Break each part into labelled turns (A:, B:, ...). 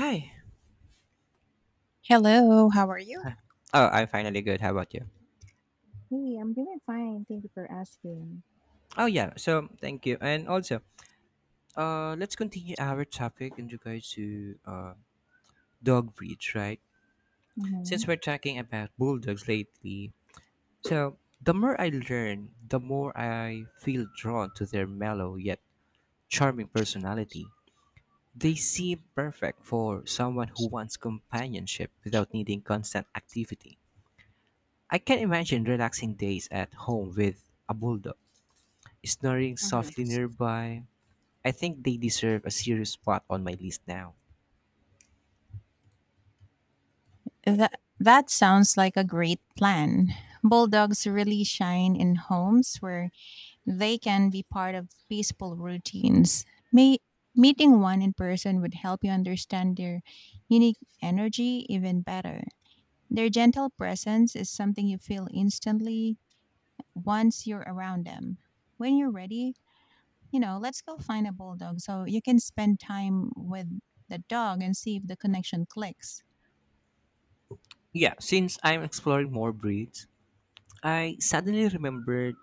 A: Hi.
B: Hello, how are you?
A: Oh, I'm finally good. How about you?
B: Hey, I'm doing fine. Thank you for asking.
A: Oh yeah. So thank you. And also, let's continue our topic in regards to dog breeds, right?
B: Mhm.
A: Since we're talking about bulldogs lately, so the more I learn, the more I feel drawn to their mellow yet charming personality. They seem perfect for someone who wants companionship without needing constant activity. I can imagine relaxing days at home with a bulldog, snoring
B: Mhm.
A: softly nearby. I think they deserve a serious spot on my list now.
B: That sounds like a great plan. Bulldogs really shine in homes where they can be part of peaceful routines. May, Meeting one in person would help you understand their unique energy even better. Their gentle presence is something you feel instantly once you're around them. When you're ready, let's go find a bulldog so you can spend time with the dog and see if the connection clicks.
A: Yeah, since I'm exploring more breeds, I suddenly remembered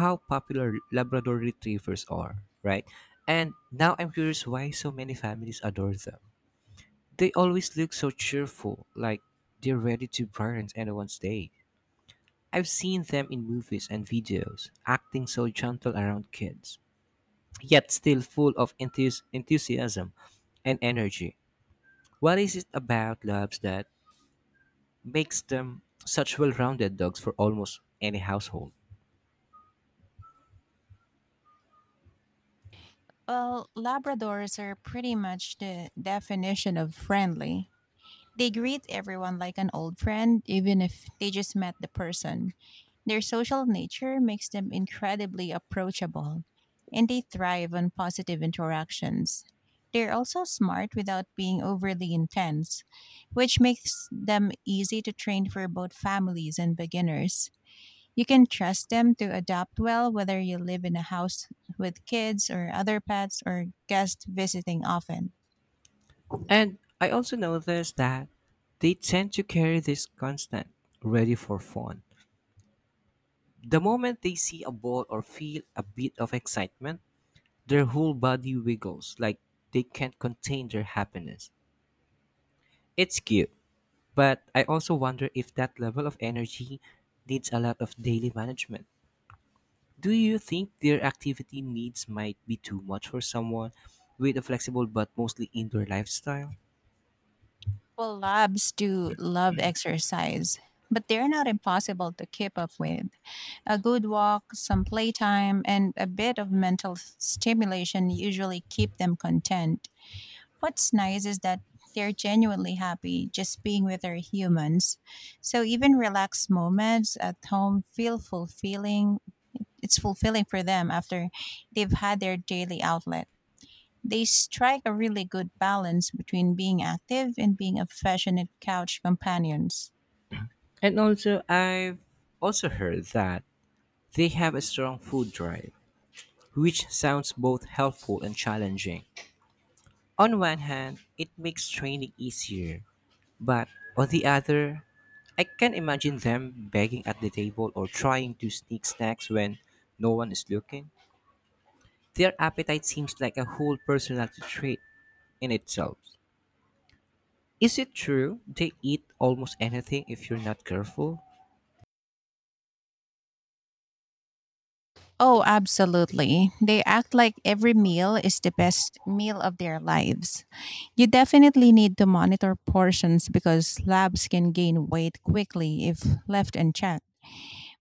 A: how popular Labrador retrievers are, right? And now I'm curious why so many families adore them. They always look so cheerful, like they're ready to brighten anyone's day. I've seen them in movies and videos, acting so gentle around kids, yet still full of enthusiasm and energy. What is it about labs that makes them such well rounded dogs for almost any household?
B: Well, Labradors are pretty much the definition of friendly. They greet everyone like an old friend, even if they just met the person. Their social nature makes them incredibly approachable, and they thrive on positive interactions. They're also smart without being overly intense, which makes them easy to train for both families and beginners. You can trust them to adapt well whether you live in a house with kids or other pets or guests visiting often.
A: And I also noticed that they tend to carry this constant ready for fun. The moment they see a ball or feel a bit of excitement, their whole body wiggles like they can't contain their happiness. It's cute, but I also wonder if that level of energy needs a lot of daily management. Do you think their activity needs might be too much for someone with a flexible but mostly indoor lifestyle?
B: Well, labs do love exercise, but they're not impossible to keep up with. A good walk, some playtime, and a bit of mental stimulation usually keep them content. What's nice is that they're genuinely happy just being with their humans. So even relaxed moments at home feel fulfilling. It's fulfilling for them after they've had their daily outlet. They strike a really good balance between being active and being affectionate couch companions.
A: And also, I've also heard that they have a strong food drive, which sounds both helpful and challenging. On one hand, it makes training easier, but on the other, I can imagine them begging at the table or trying to sneak snacks when no one is looking. Their appetite seems like a whole personality trait in itself. Is it true they eat almost anything if you're not careful?
B: Oh, absolutely. They act like every meal is the best meal of their lives. You definitely need to monitor portions because labs can gain weight quickly if left unchecked.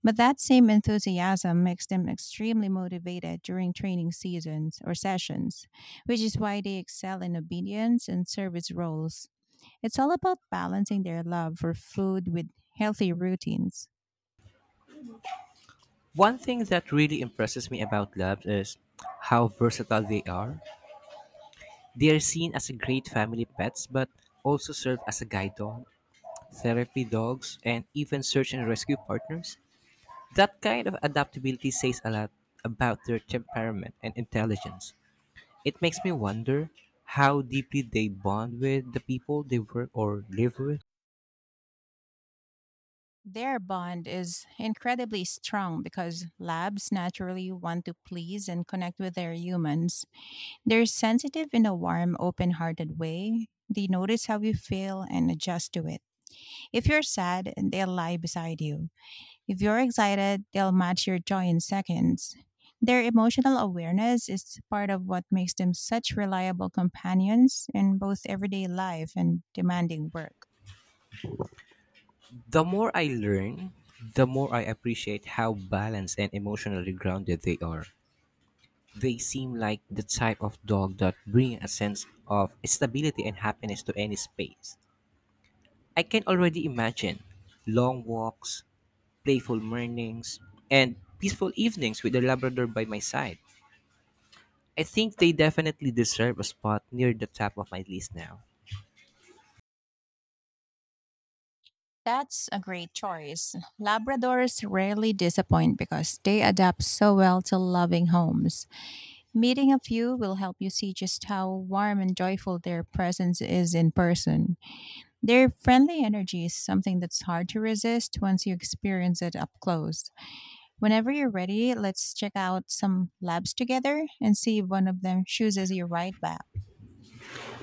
B: But that same enthusiasm makes them extremely motivated during training seasons or sessions, which is why they excel in obedience and service roles. It's all about balancing their love for food with healthy routines.
A: One thing that really impresses me about labs is how versatile they are. They are seen as a great family pets but also serve as a guide dog, therapy dogs, and even search and rescue partners. That kind of adaptability says a lot about their temperament and intelligence. It makes me wonder how deeply they bond with the people they work or live with.
B: Their bond is incredibly strong because labs naturally want to please and connect with their humans. They're sensitive in a warm, open hearted way. They notice how you feel and adjust to it. If you're sad, they'll lie beside you. If you're excited, they'll match your joy in seconds. Their emotional awareness is part of what makes them such reliable companions in both everyday life and demanding work.
A: The more I learn, the more I appreciate how balanced and emotionally grounded they are. They seem like the type of dog that bring a sense of stability and happiness to any space. I can already imagine long walks, playful mornings, and peaceful evenings with a Labrador by my side. I think they definitely deserve a spot near the top of my list now.
B: That's a great choice. Labradors rarely disappoint because they adapt so well to loving homes. Meeting a few will help you see just how warm and joyful their presence is in person. Their friendly energy is something that's hard to resist once you experience it up close. Whenever you're ready, let's check out some labs together and see if one of them chooses your right back.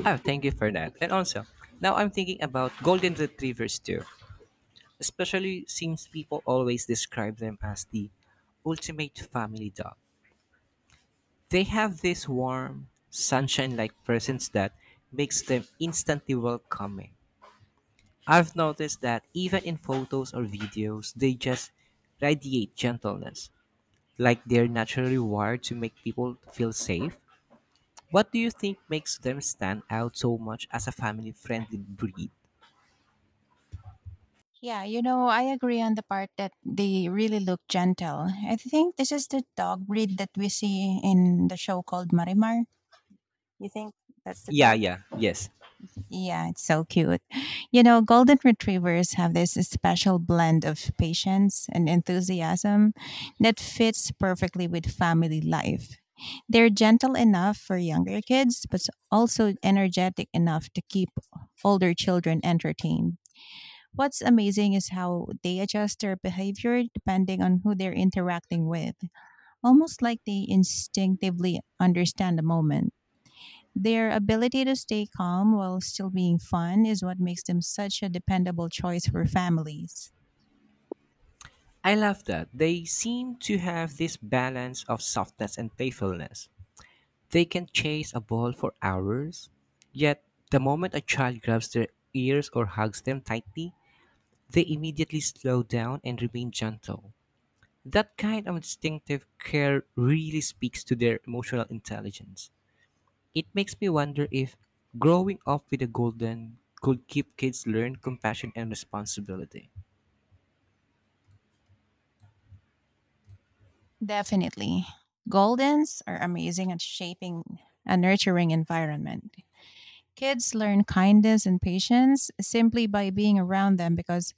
A: Oh, thank you for that. And also, now I'm thinking about Golden Retrievers too, especially since people always describe them as the ultimate family dog. They have this warm, sunshine like presence that makes them instantly welcoming. I've noticed that even in photos or videos, they just radiate gentleness, like they're naturally wired to make people feel safe. What do you think makes them stand out so much as a family friendly breed?
B: Yeah, you know, I agree on the part that they really look gentle. I think this is the dog breed that we see in the show called Marimar. You think that's the
A: Yeah,
B: dog?
A: yeah, yes.
B: Yeah, it's so cute. You know, golden retrievers have this special blend of patience and enthusiasm that fits perfectly with family life. They're gentle enough for younger kids, but also energetic enough to keep older children entertained. What's amazing is how they adjust their behavior depending on who they're interacting with, almost like they instinctively understand the moment. Their ability to stay calm while still being fun is what makes them such a dependable choice for families.
A: I love that. They seem to have this balance of softness and playfulness. They can chase a ball for hours, yet, the moment a child grabs their ears or hugs them tightly, they immediately slow down and remain gentle. That kind of instinctive care really speaks to their emotional intelligence. It makes me wonder if growing up with a golden could keep kids learn compassion and responsibility.
B: Definitely. Goldens are amazing at shaping a nurturing environment. Kids learn kindness and patience simply by being around them because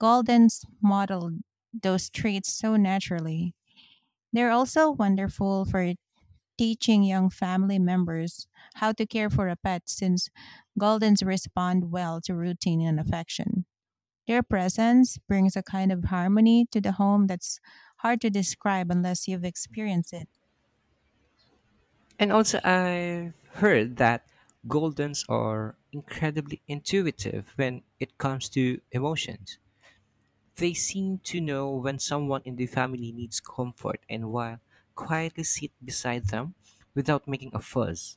B: Goldens model those traits so naturally. They're also wonderful for teaching young family members how to care for a pet since Goldens respond well to routine and affection. Their presence brings a kind of harmony to the home that's hard to describe unless you've experienced it.
A: And also, I've heard that Goldens are incredibly intuitive when it comes to emotions. They seem to know when someone in the family needs comfort and while quietly sit beside them without making a fuss.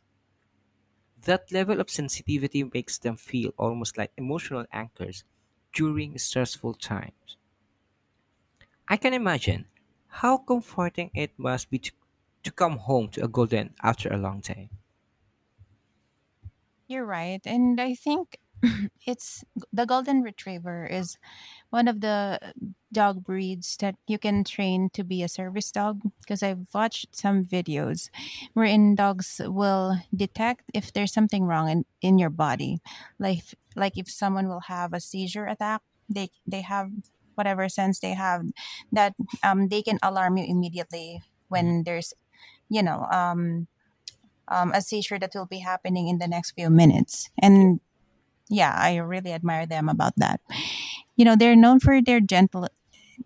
A: That level of sensitivity makes them feel almost like emotional anchors during stressful times. I can imagine how comforting it must be to come home to a golden after a long day.
B: You're right. And I think it's the golden retriever is one of the dog breeds that you can train to be a service dog because I've watched some videos wherein dogs will detect if there's something wrong in your body. Like like if someone will have a seizure attack, they have whatever sense they have that they can alarm you immediately
A: Mhm.
B: when there's you know um, a seizure that will be happening in the next few minutes. And yeah, I really admire them about that. You know, they're known for their gentle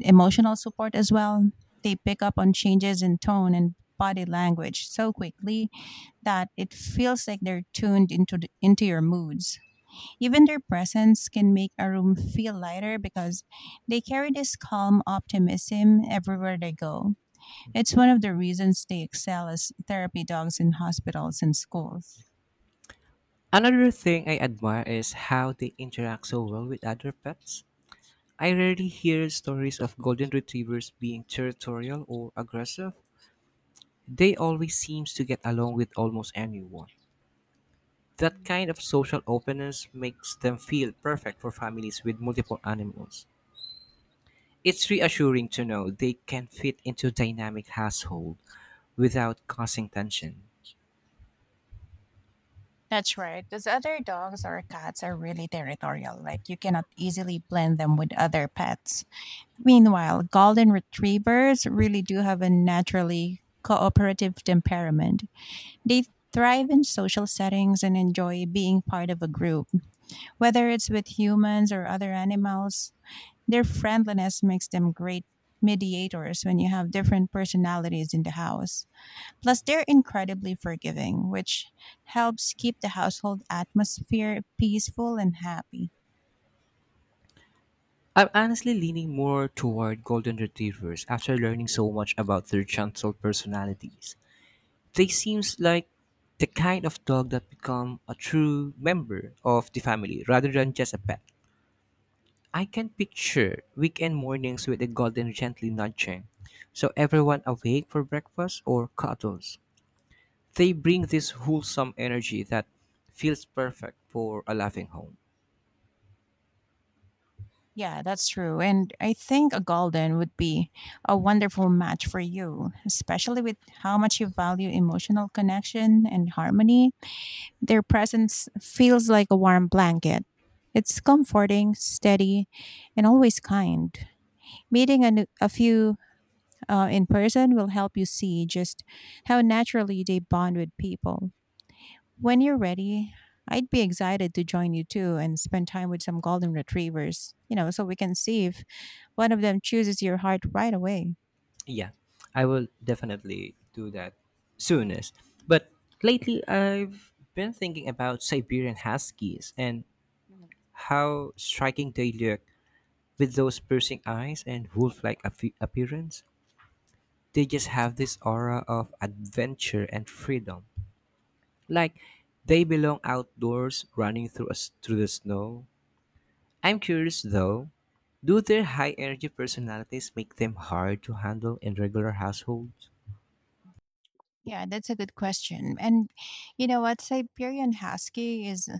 B: emotional support as well. They pick up on changes in tone and body language so quickly that it feels like they're tuned into into your moods. Even their presence can make a room feel lighter because they carry this calm optimism everywhere they go. It's one of the reasons they excel as therapy dogs in hospitals and schools.
A: Another thing I admire is how they interact so well with other pets. I rarely hear stories of golden retrievers being territorial or aggressive. They always seem to get along with almost anyone. That
B: Mm.
A: kind of social openness makes them feel perfect for families with multiple animals. It's reassuring to know they can fit into a dynamic household without causing tension.
B: That's right. Because other dogs or cats are really territorial. Like you cannot easily blend them with other pets. Meanwhile, golden retrievers really do have a naturally cooperative temperament. They thrive in social settings and enjoy being part of a group, whether it's with humans or other animals. Their friendliness makes them great mediators when you have different personalities in the house. Plus, they're incredibly forgiving, which helps keep the household atmosphere peaceful and happy.
A: I'm honestly leaning more toward golden retrievers after learning so much about their gentle personalities. They seems like the kind of dog that become a true member of the family rather than just a pet. I can picture weekend mornings with the golden gently nudging, so everyone awake for breakfast or cuddles. They bring this wholesome energy that feels perfect for a loving home.
B: Yeah, that's true. And I think a golden would be a wonderful match for you, especially with how much you value emotional connection and harmony. Their presence feels like a warm blanket. It's comforting, steady, and always kind. Meeting a few in person will help you see just how naturally they bond with people. When you're ready, I'd be excited to join you too and spend time with some golden retrievers, you know, so we can see if one of them chooses your heart right away.
A: Yeah, I will definitely do that soonest. But lately, I've been thinking about Siberian Huskies and
B: Mhm.
A: how striking they look with those piercing eyes and wolf like appearance. They just have this aura of adventure and freedom. Like they belong outdoors running through the snow. I'm curious though, do their high energy personalities make them hard to handle in regular households?
B: Yeah, that's a good question. And you know what? Siberian Husky is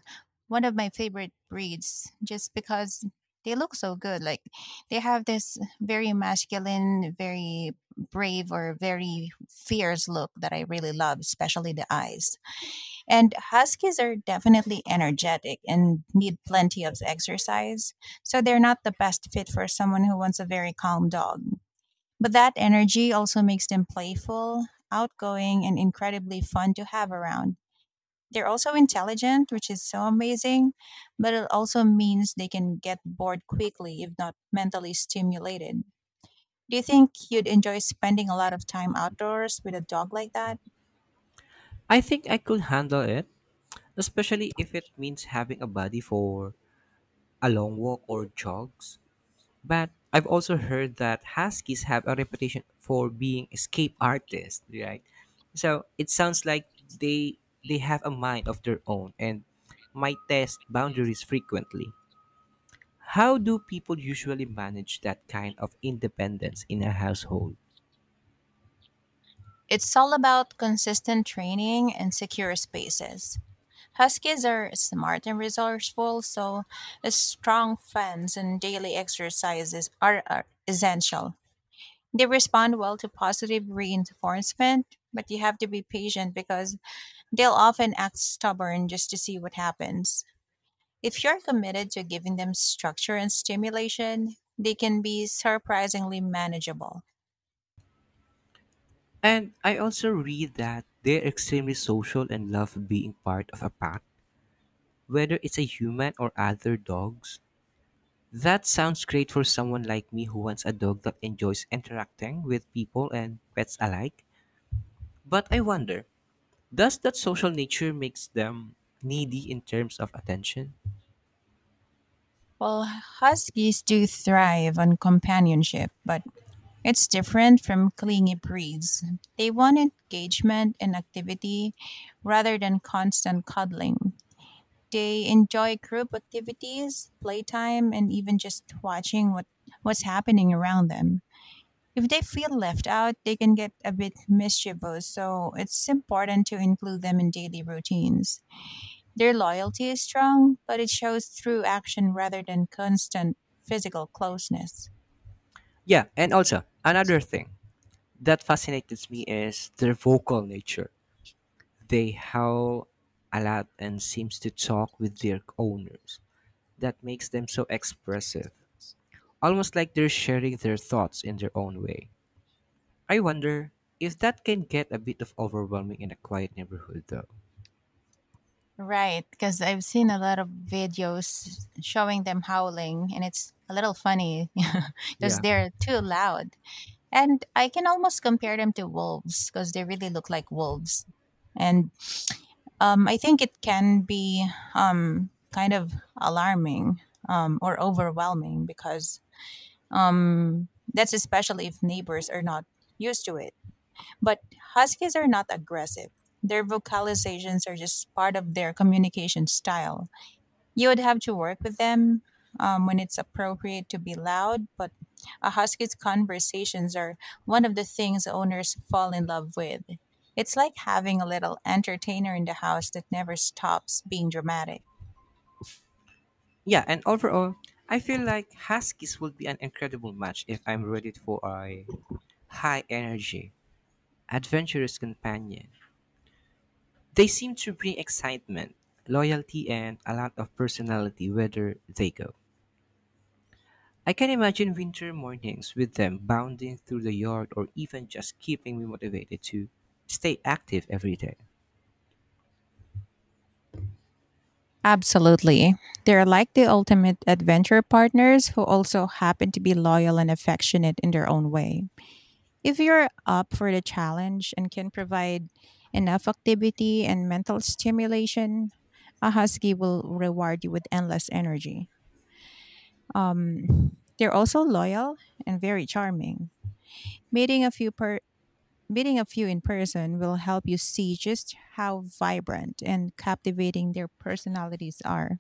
B: one of my favorite breeds just because they look so good. Like they have this very masculine, very brave, or very fierce look that I really love, especially the eyes. And Huskies are definitely energetic and need plenty of exercise. So they're not the best fit for someone who wants a very calm dog. But that energy also makes them playful, outgoing, and incredibly fun to have around. They're also intelligent, which is so amazing, but it also means they can get bored quickly if not mentally stimulated. Do you think you'd enjoy spending a lot of time outdoors with a dog like that?
A: I think I could handle it, especially if it means having a buddy for a long walk or jogs. But I've also heard that huskies have a reputation for being escape artists, right? So it sounds like they have a mind of their own and might test boundaries frequently. How do people usually manage that kind of independence in a household?
B: It's all about consistent training and secure spaces. Huskies are smart and resourceful, so a strong fence and daily exercises are essential. They respond well to positive reinforcement, but you have to be patient because they'll often act stubborn just to see what happens. If you're committed to giving them structure and stimulation, they can be surprisingly manageable.
A: And I also read that they're extremely social and love being part of a pack, whether it's a human or other dogs. That sounds great for someone like me who wants a dog that enjoys interacting with people and pets alike. But I wonder, does that social nature makes them needy in terms of attention?
B: Well, huskies do thrive on companionship, but it's different from clingy breeds. They want engagement and activity rather than constant cuddling. They enjoy group activities, playtime, and even just watching what's happening around them. If they feel left out, they can get a bit mischievous, so it's important to include them in daily routines. Their loyalty is strong, but it shows through action rather than constant physical closeness.
A: Yeah, and also another thing that fascinates me is their vocal nature. They howl a lot and seems to talk with their owners. That makes them so expressive, almost like they're sharing their thoughts in their own way. I wonder if that can get a bit of overwhelming in a quiet neighborhood, though.
B: Right, because I've seen a lot of videos showing them howling, and it's a little funny because
A: Yeah.
B: they're too loud. And I can almost compare them to wolves because they really look like wolves. And I think it can be kind of alarming or overwhelming because that's especially if neighbors are not used to it. But huskies are not aggressive, their vocalizations are just part of their communication style. You would have to work with them when it's appropriate to be loud, but a husky's conversations are one of the things owners fall in love with. It's like having a little entertainer in the house that never stops being dramatic.
A: Yeah, and overall, I feel like Huskies would be an incredible match if I'm ready for a high energy, adventurous companion. They seem to bring excitement, loyalty, and a lot of personality whether they go. I can imagine winter mornings with them bounding through the yard or even just keeping me motivated to stay active every day.
B: Absolutely. They're like the ultimate adventure partners who also happen to be loyal and affectionate in their own way. If you're up for the challenge and can provide enough activity and mental stimulation, a husky will reward you with endless energy. They're also loyal and very charming. Meeting a few per Meeting a few in person will help you see just how vibrant and captivating their personalities are.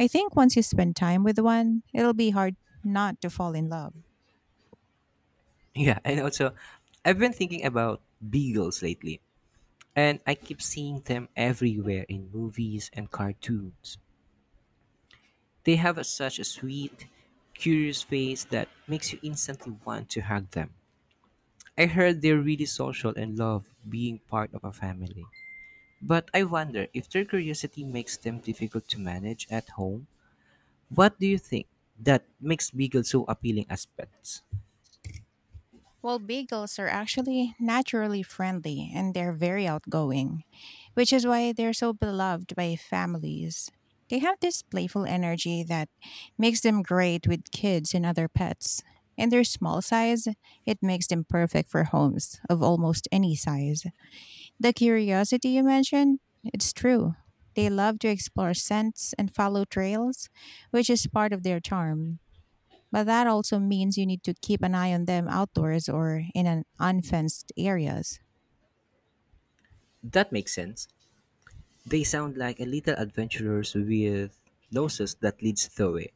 B: I think once you spend time with one, it'll be hard not to fall in love.
A: Yeah, and also, I've been thinking about beagles lately, and I keep seeing them everywhere in movies and cartoons. They have a, such a sweet, curious face that makes you instantly want to hug them. I heard they're really social and love being part of a family. But I wonder if their curiosity makes them difficult to manage at home. What do you think that makes beagles so appealing as pets?
B: Well, beagles are actually naturally friendly and they're very outgoing, which is why they're so beloved by families. They have this playful energy that makes them great with kids and other pets. And their small size, it makes them perfect for homes of almost any size. The curiosity you mentioned, it's true. They love to explore scents and follow trails, which is part of their charm. But that also means you need to keep an eye on them outdoors or in an unfenced areas.
A: That makes sense. They sound like a little adventurers with noses that leads the way.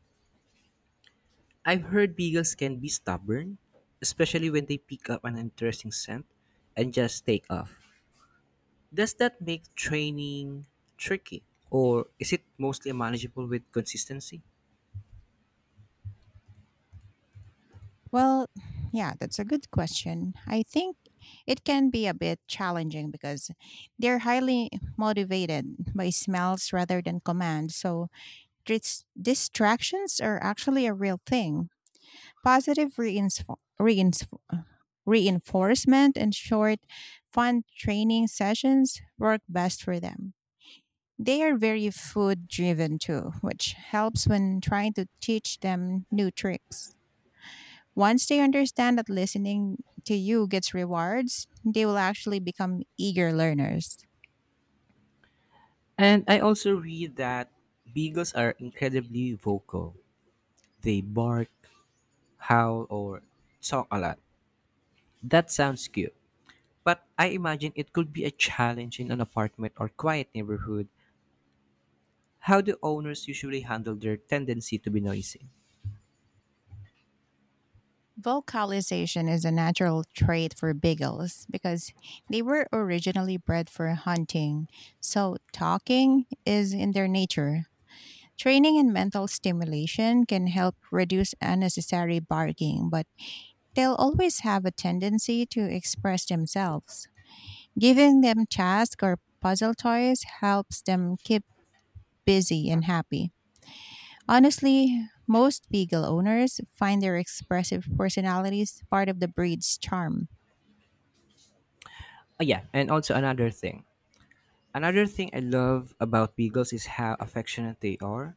A: I've heard beagles can be stubborn, especially when they pick up an interesting scent and just take off. Does that make training tricky, or is it mostly manageable with consistency?
B: Well, yeah, that's a good question. I think it can be a bit challenging because they're highly motivated by smells rather than commands. So distractions are actually a real thing. Positive reinforcement and short, fun training sessions work best for them. They are very food driven too, which helps when trying to teach them new tricks. Once they understand that listening to you gets rewards, they will actually become eager learners.
A: And I also read that beagles are incredibly vocal. They bark, howl, or talk a lot. That sounds cute, but I imagine it could be a challenge in an apartment or quiet neighborhood. How do owners usually handle their tendency to be noisy?
B: Vocalization is a natural trait for beagles because they were originally bred for hunting, so talking is in their nature. Training and mental stimulation can help reduce unnecessary barking, but they'll always have a tendency to express themselves. Giving them tasks or puzzle toys helps them keep busy and happy. Honestly, most beagle owners find their expressive personalities part of the breed's charm.
A: Oh yeah, and also another thing. Another thing I love about beagles is how affectionate they are.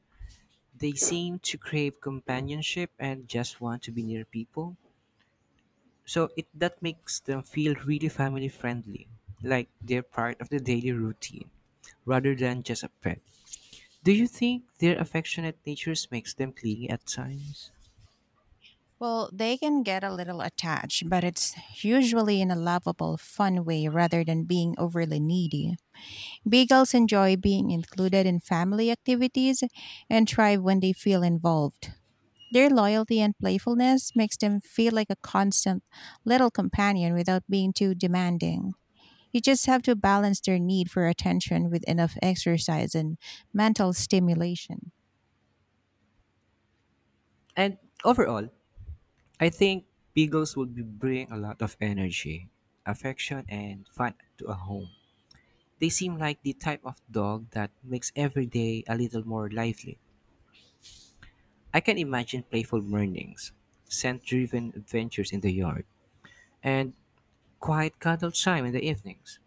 A: They seem to crave companionship and just want to be near people. So it that makes them feel really family friendly, like they're part of the daily routine, rather than just a pet. Do you think their affectionate natures makes them clingy at times?
B: Well, they can get a little attached, but it's usually in a lovable, fun way rather than being overly needy. Beagles enjoy being included in family activities and thrive when they feel involved. Their loyalty and playfulness makes them feel like a constant little companion without being too demanding. You just have to balance their need for attention with enough exercise and mental stimulation.
A: And overall, I think beagles would be bring a lot of energy, affection, and fun to a home. They seem like the type of dog that makes every day a little more lively. I can imagine playful mornings, scent-driven adventures in the yard, and quiet cuddle time in the evenings.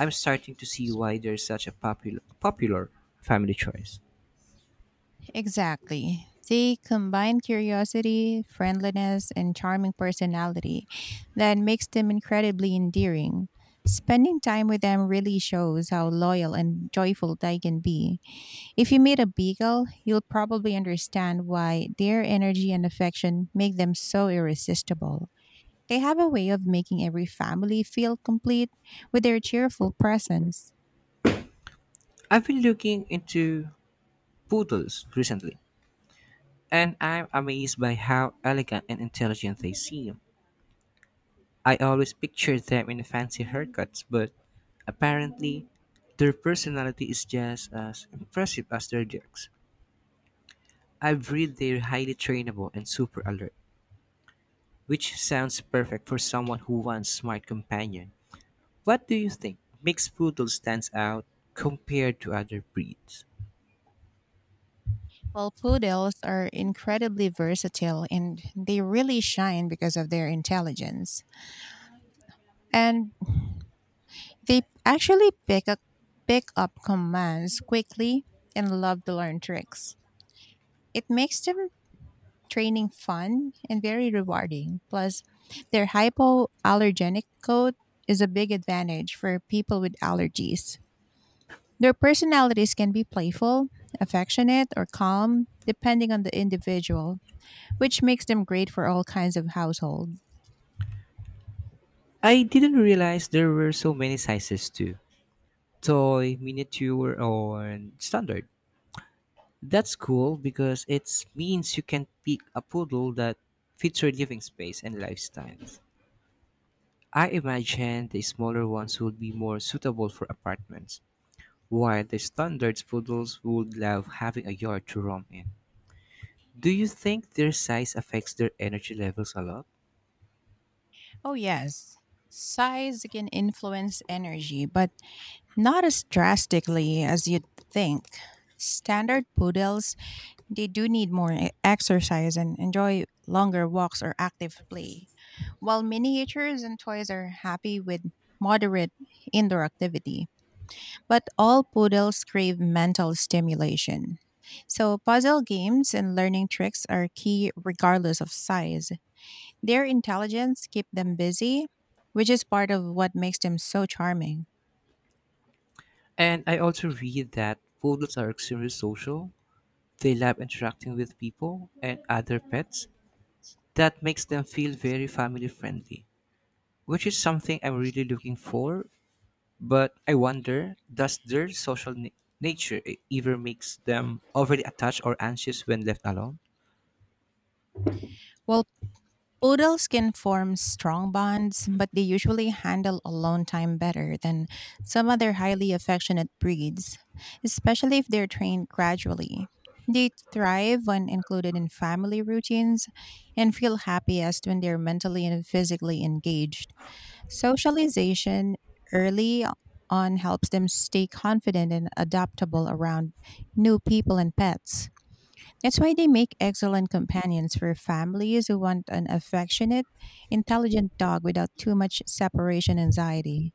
A: I'm starting to see why they're such a popular family choice.
B: Exactly. They combine curiosity, friendliness, and charming personality that makes them incredibly endearing. Spending time with them really shows how loyal and joyful they can be. If you meet a beagle, you'll probably understand why their energy and affection make them so irresistible. They have a way of making every family feel complete with their cheerful presence.
A: I've been looking into poodles recently, and I'm amazed by how elegant and intelligent they seem. I always pictured them in fancy haircuts, but apparently their personality is just as impressive as their looks. I've read they're highly trainable and super alert, which sounds perfect for someone who wants smart companion. What do you think makes poodle stands out compared to other breeds?
B: Well, poodles are incredibly versatile and they really shine because of their intelligence. And they actually pick up commands quickly and love to learn tricks. It makes them training fun and very rewarding. Plus, their hypoallergenic coat is a big advantage for people with allergies. Their personalities can be playful, affectionate, or calm, depending on the individual, which makes them great for all kinds of households.
A: I didn't realize there were so many sizes too. Toy, miniature, or standard. That's cool because it means you can pick a poodle that fits your living space and lifestyles. I imagine the smaller ones would be more suitable for apartments, while the standard poodles would love having a yard to roam in. Do you think their size affects their energy levels a lot?
B: Oh, yes. Size can influence energy, but not as drastically as you'd think. Standard poodles, they do need more exercise and enjoy longer walks or active play, while miniatures and toys are happy with moderate indoor activity. But all poodles crave mental stimulation. So, puzzle games and learning tricks are key regardless of size. Their intelligence keep them busy, which is part of what makes them so charming.
A: And I also read that poodles are extremely social. They love interacting with people and other pets. That makes them feel very family friendly, which is something I'm really looking for. But I wonder, does their social nature ever makes them overly attached or anxious when left alone?
B: Well, poodles can form strong bonds, but they usually handle alone time better than some other highly affectionate breeds, especially if they're trained gradually. They thrive when included in family routines and feel happiest when they're mentally and physically engaged. Socialization early on helps them stay confident and adaptable around new people and pets. That's why they make excellent companions for families who want an affectionate, intelligent dog without too much separation anxiety.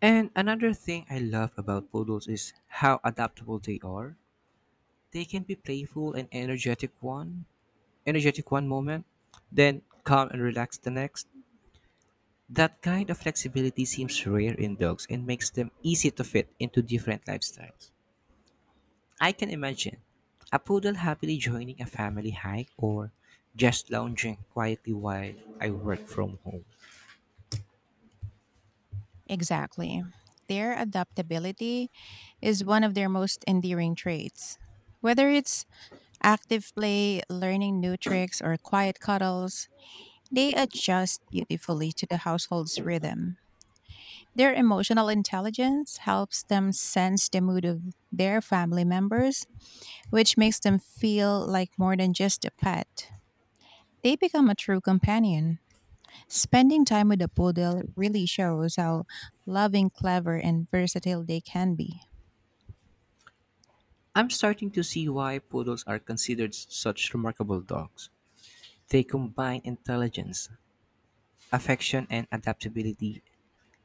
A: And another thing I love about poodles is how adaptable they are. They can be playful and energetic one moment, then calm and relaxed the next. That kind of flexibility seems rare in dogs and makes them easy to fit into different lifestyles. I can imagine a poodle happily joining a family hike or just lounging quietly while I work from home.
B: Exactly. Their adaptability is one of their most endearing traits. Whether it's active play, learning new tricks, or quiet cuddles, they adjust beautifully to the household's rhythm. Their emotional intelligence helps them sense the mood of their family members, which makes them feel like more than just a pet. They become a true companion. Spending time with a poodle really shows how loving, clever, and versatile they can be.
A: I'm starting to see why poodles are considered such remarkable dogs. They combine intelligence, affection, and adaptability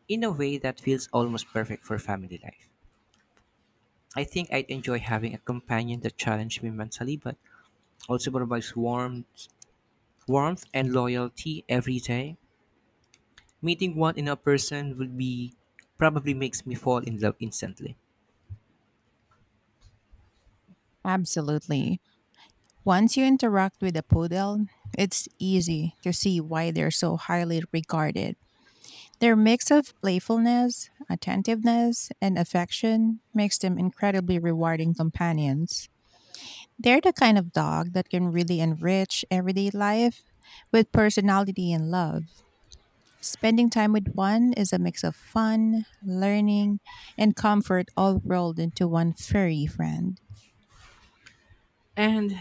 A: in a way that feels almost perfect for family life. I think I'd enjoy having a companion that challenges me mentally but also provides warmth and loyalty every day. Meeting one in a person would be probably makes me fall in love instantly.
B: Absolutely. Once you interact with a poodle, it's easy to see why they're so highly regarded. Their mix of playfulness, attentiveness, and affection makes them incredibly rewarding companions. They're the kind of dog that can really enrich everyday life with personality and love. Spending time with one is a mix of fun, learning, and comfort all rolled into one furry friend.
A: And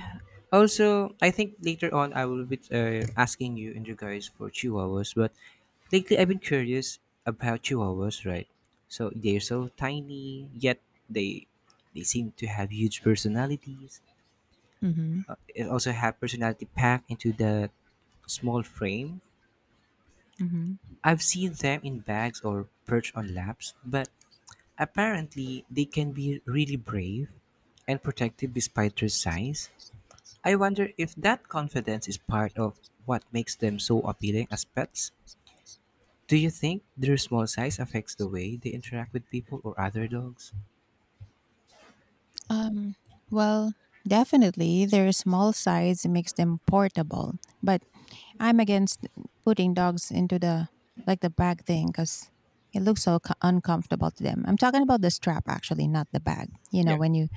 A: also, I think later on I will be asking you in regards for chihuahuas, but lately I've been curious about chihuahuas, right? So they're so tiny, yet they they seem to have huge personalities.
B: Hmm.
A: It also have personality packed into the small frame.
B: Hmm.
A: I've seen them in bags or perched on laps, but apparently, they can be really brave and protective despite their size. I wonder if that confidence is part of what makes them so appealing as pets. Do you think their small size affects the way they interact with people or other dogs?
B: Um, well, definitely, their small size makes them portable, but I'm against putting dogs into the, like, the bag thing because it looks so uncomfortable to them. I'm talking about the strap actually, not the bag. You know,
A: Yeah.
B: when you,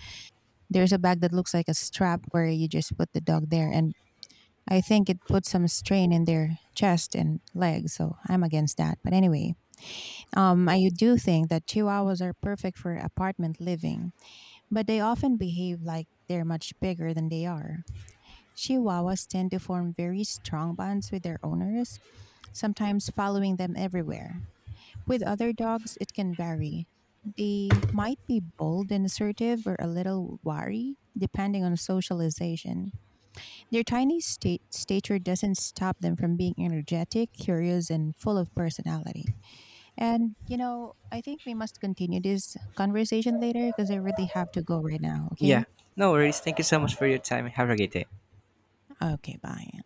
B: there's a bag that looks like a strap where you just put the dog there, and I think it puts some strain in their chest and legs. So I'm against that. But anyway, I do think that Chihuahuas are perfect for apartment living, but they often behave like they're much bigger than they are. Chihuahuas tend to form very strong bonds with their owners, sometimes following them everywhere. With other dogs, it can vary. They might be bold and assertive or a little wary, depending on socialization. Their tiny stature doesn't stop them from being energetic, curious, and full of personality. And, you know, I think we must continue this conversation later because I really have to go right now,
A: Yeah,
B: okay?
A: no worries. Thank you so much for your time. Have a great day.
B: Okay, bye.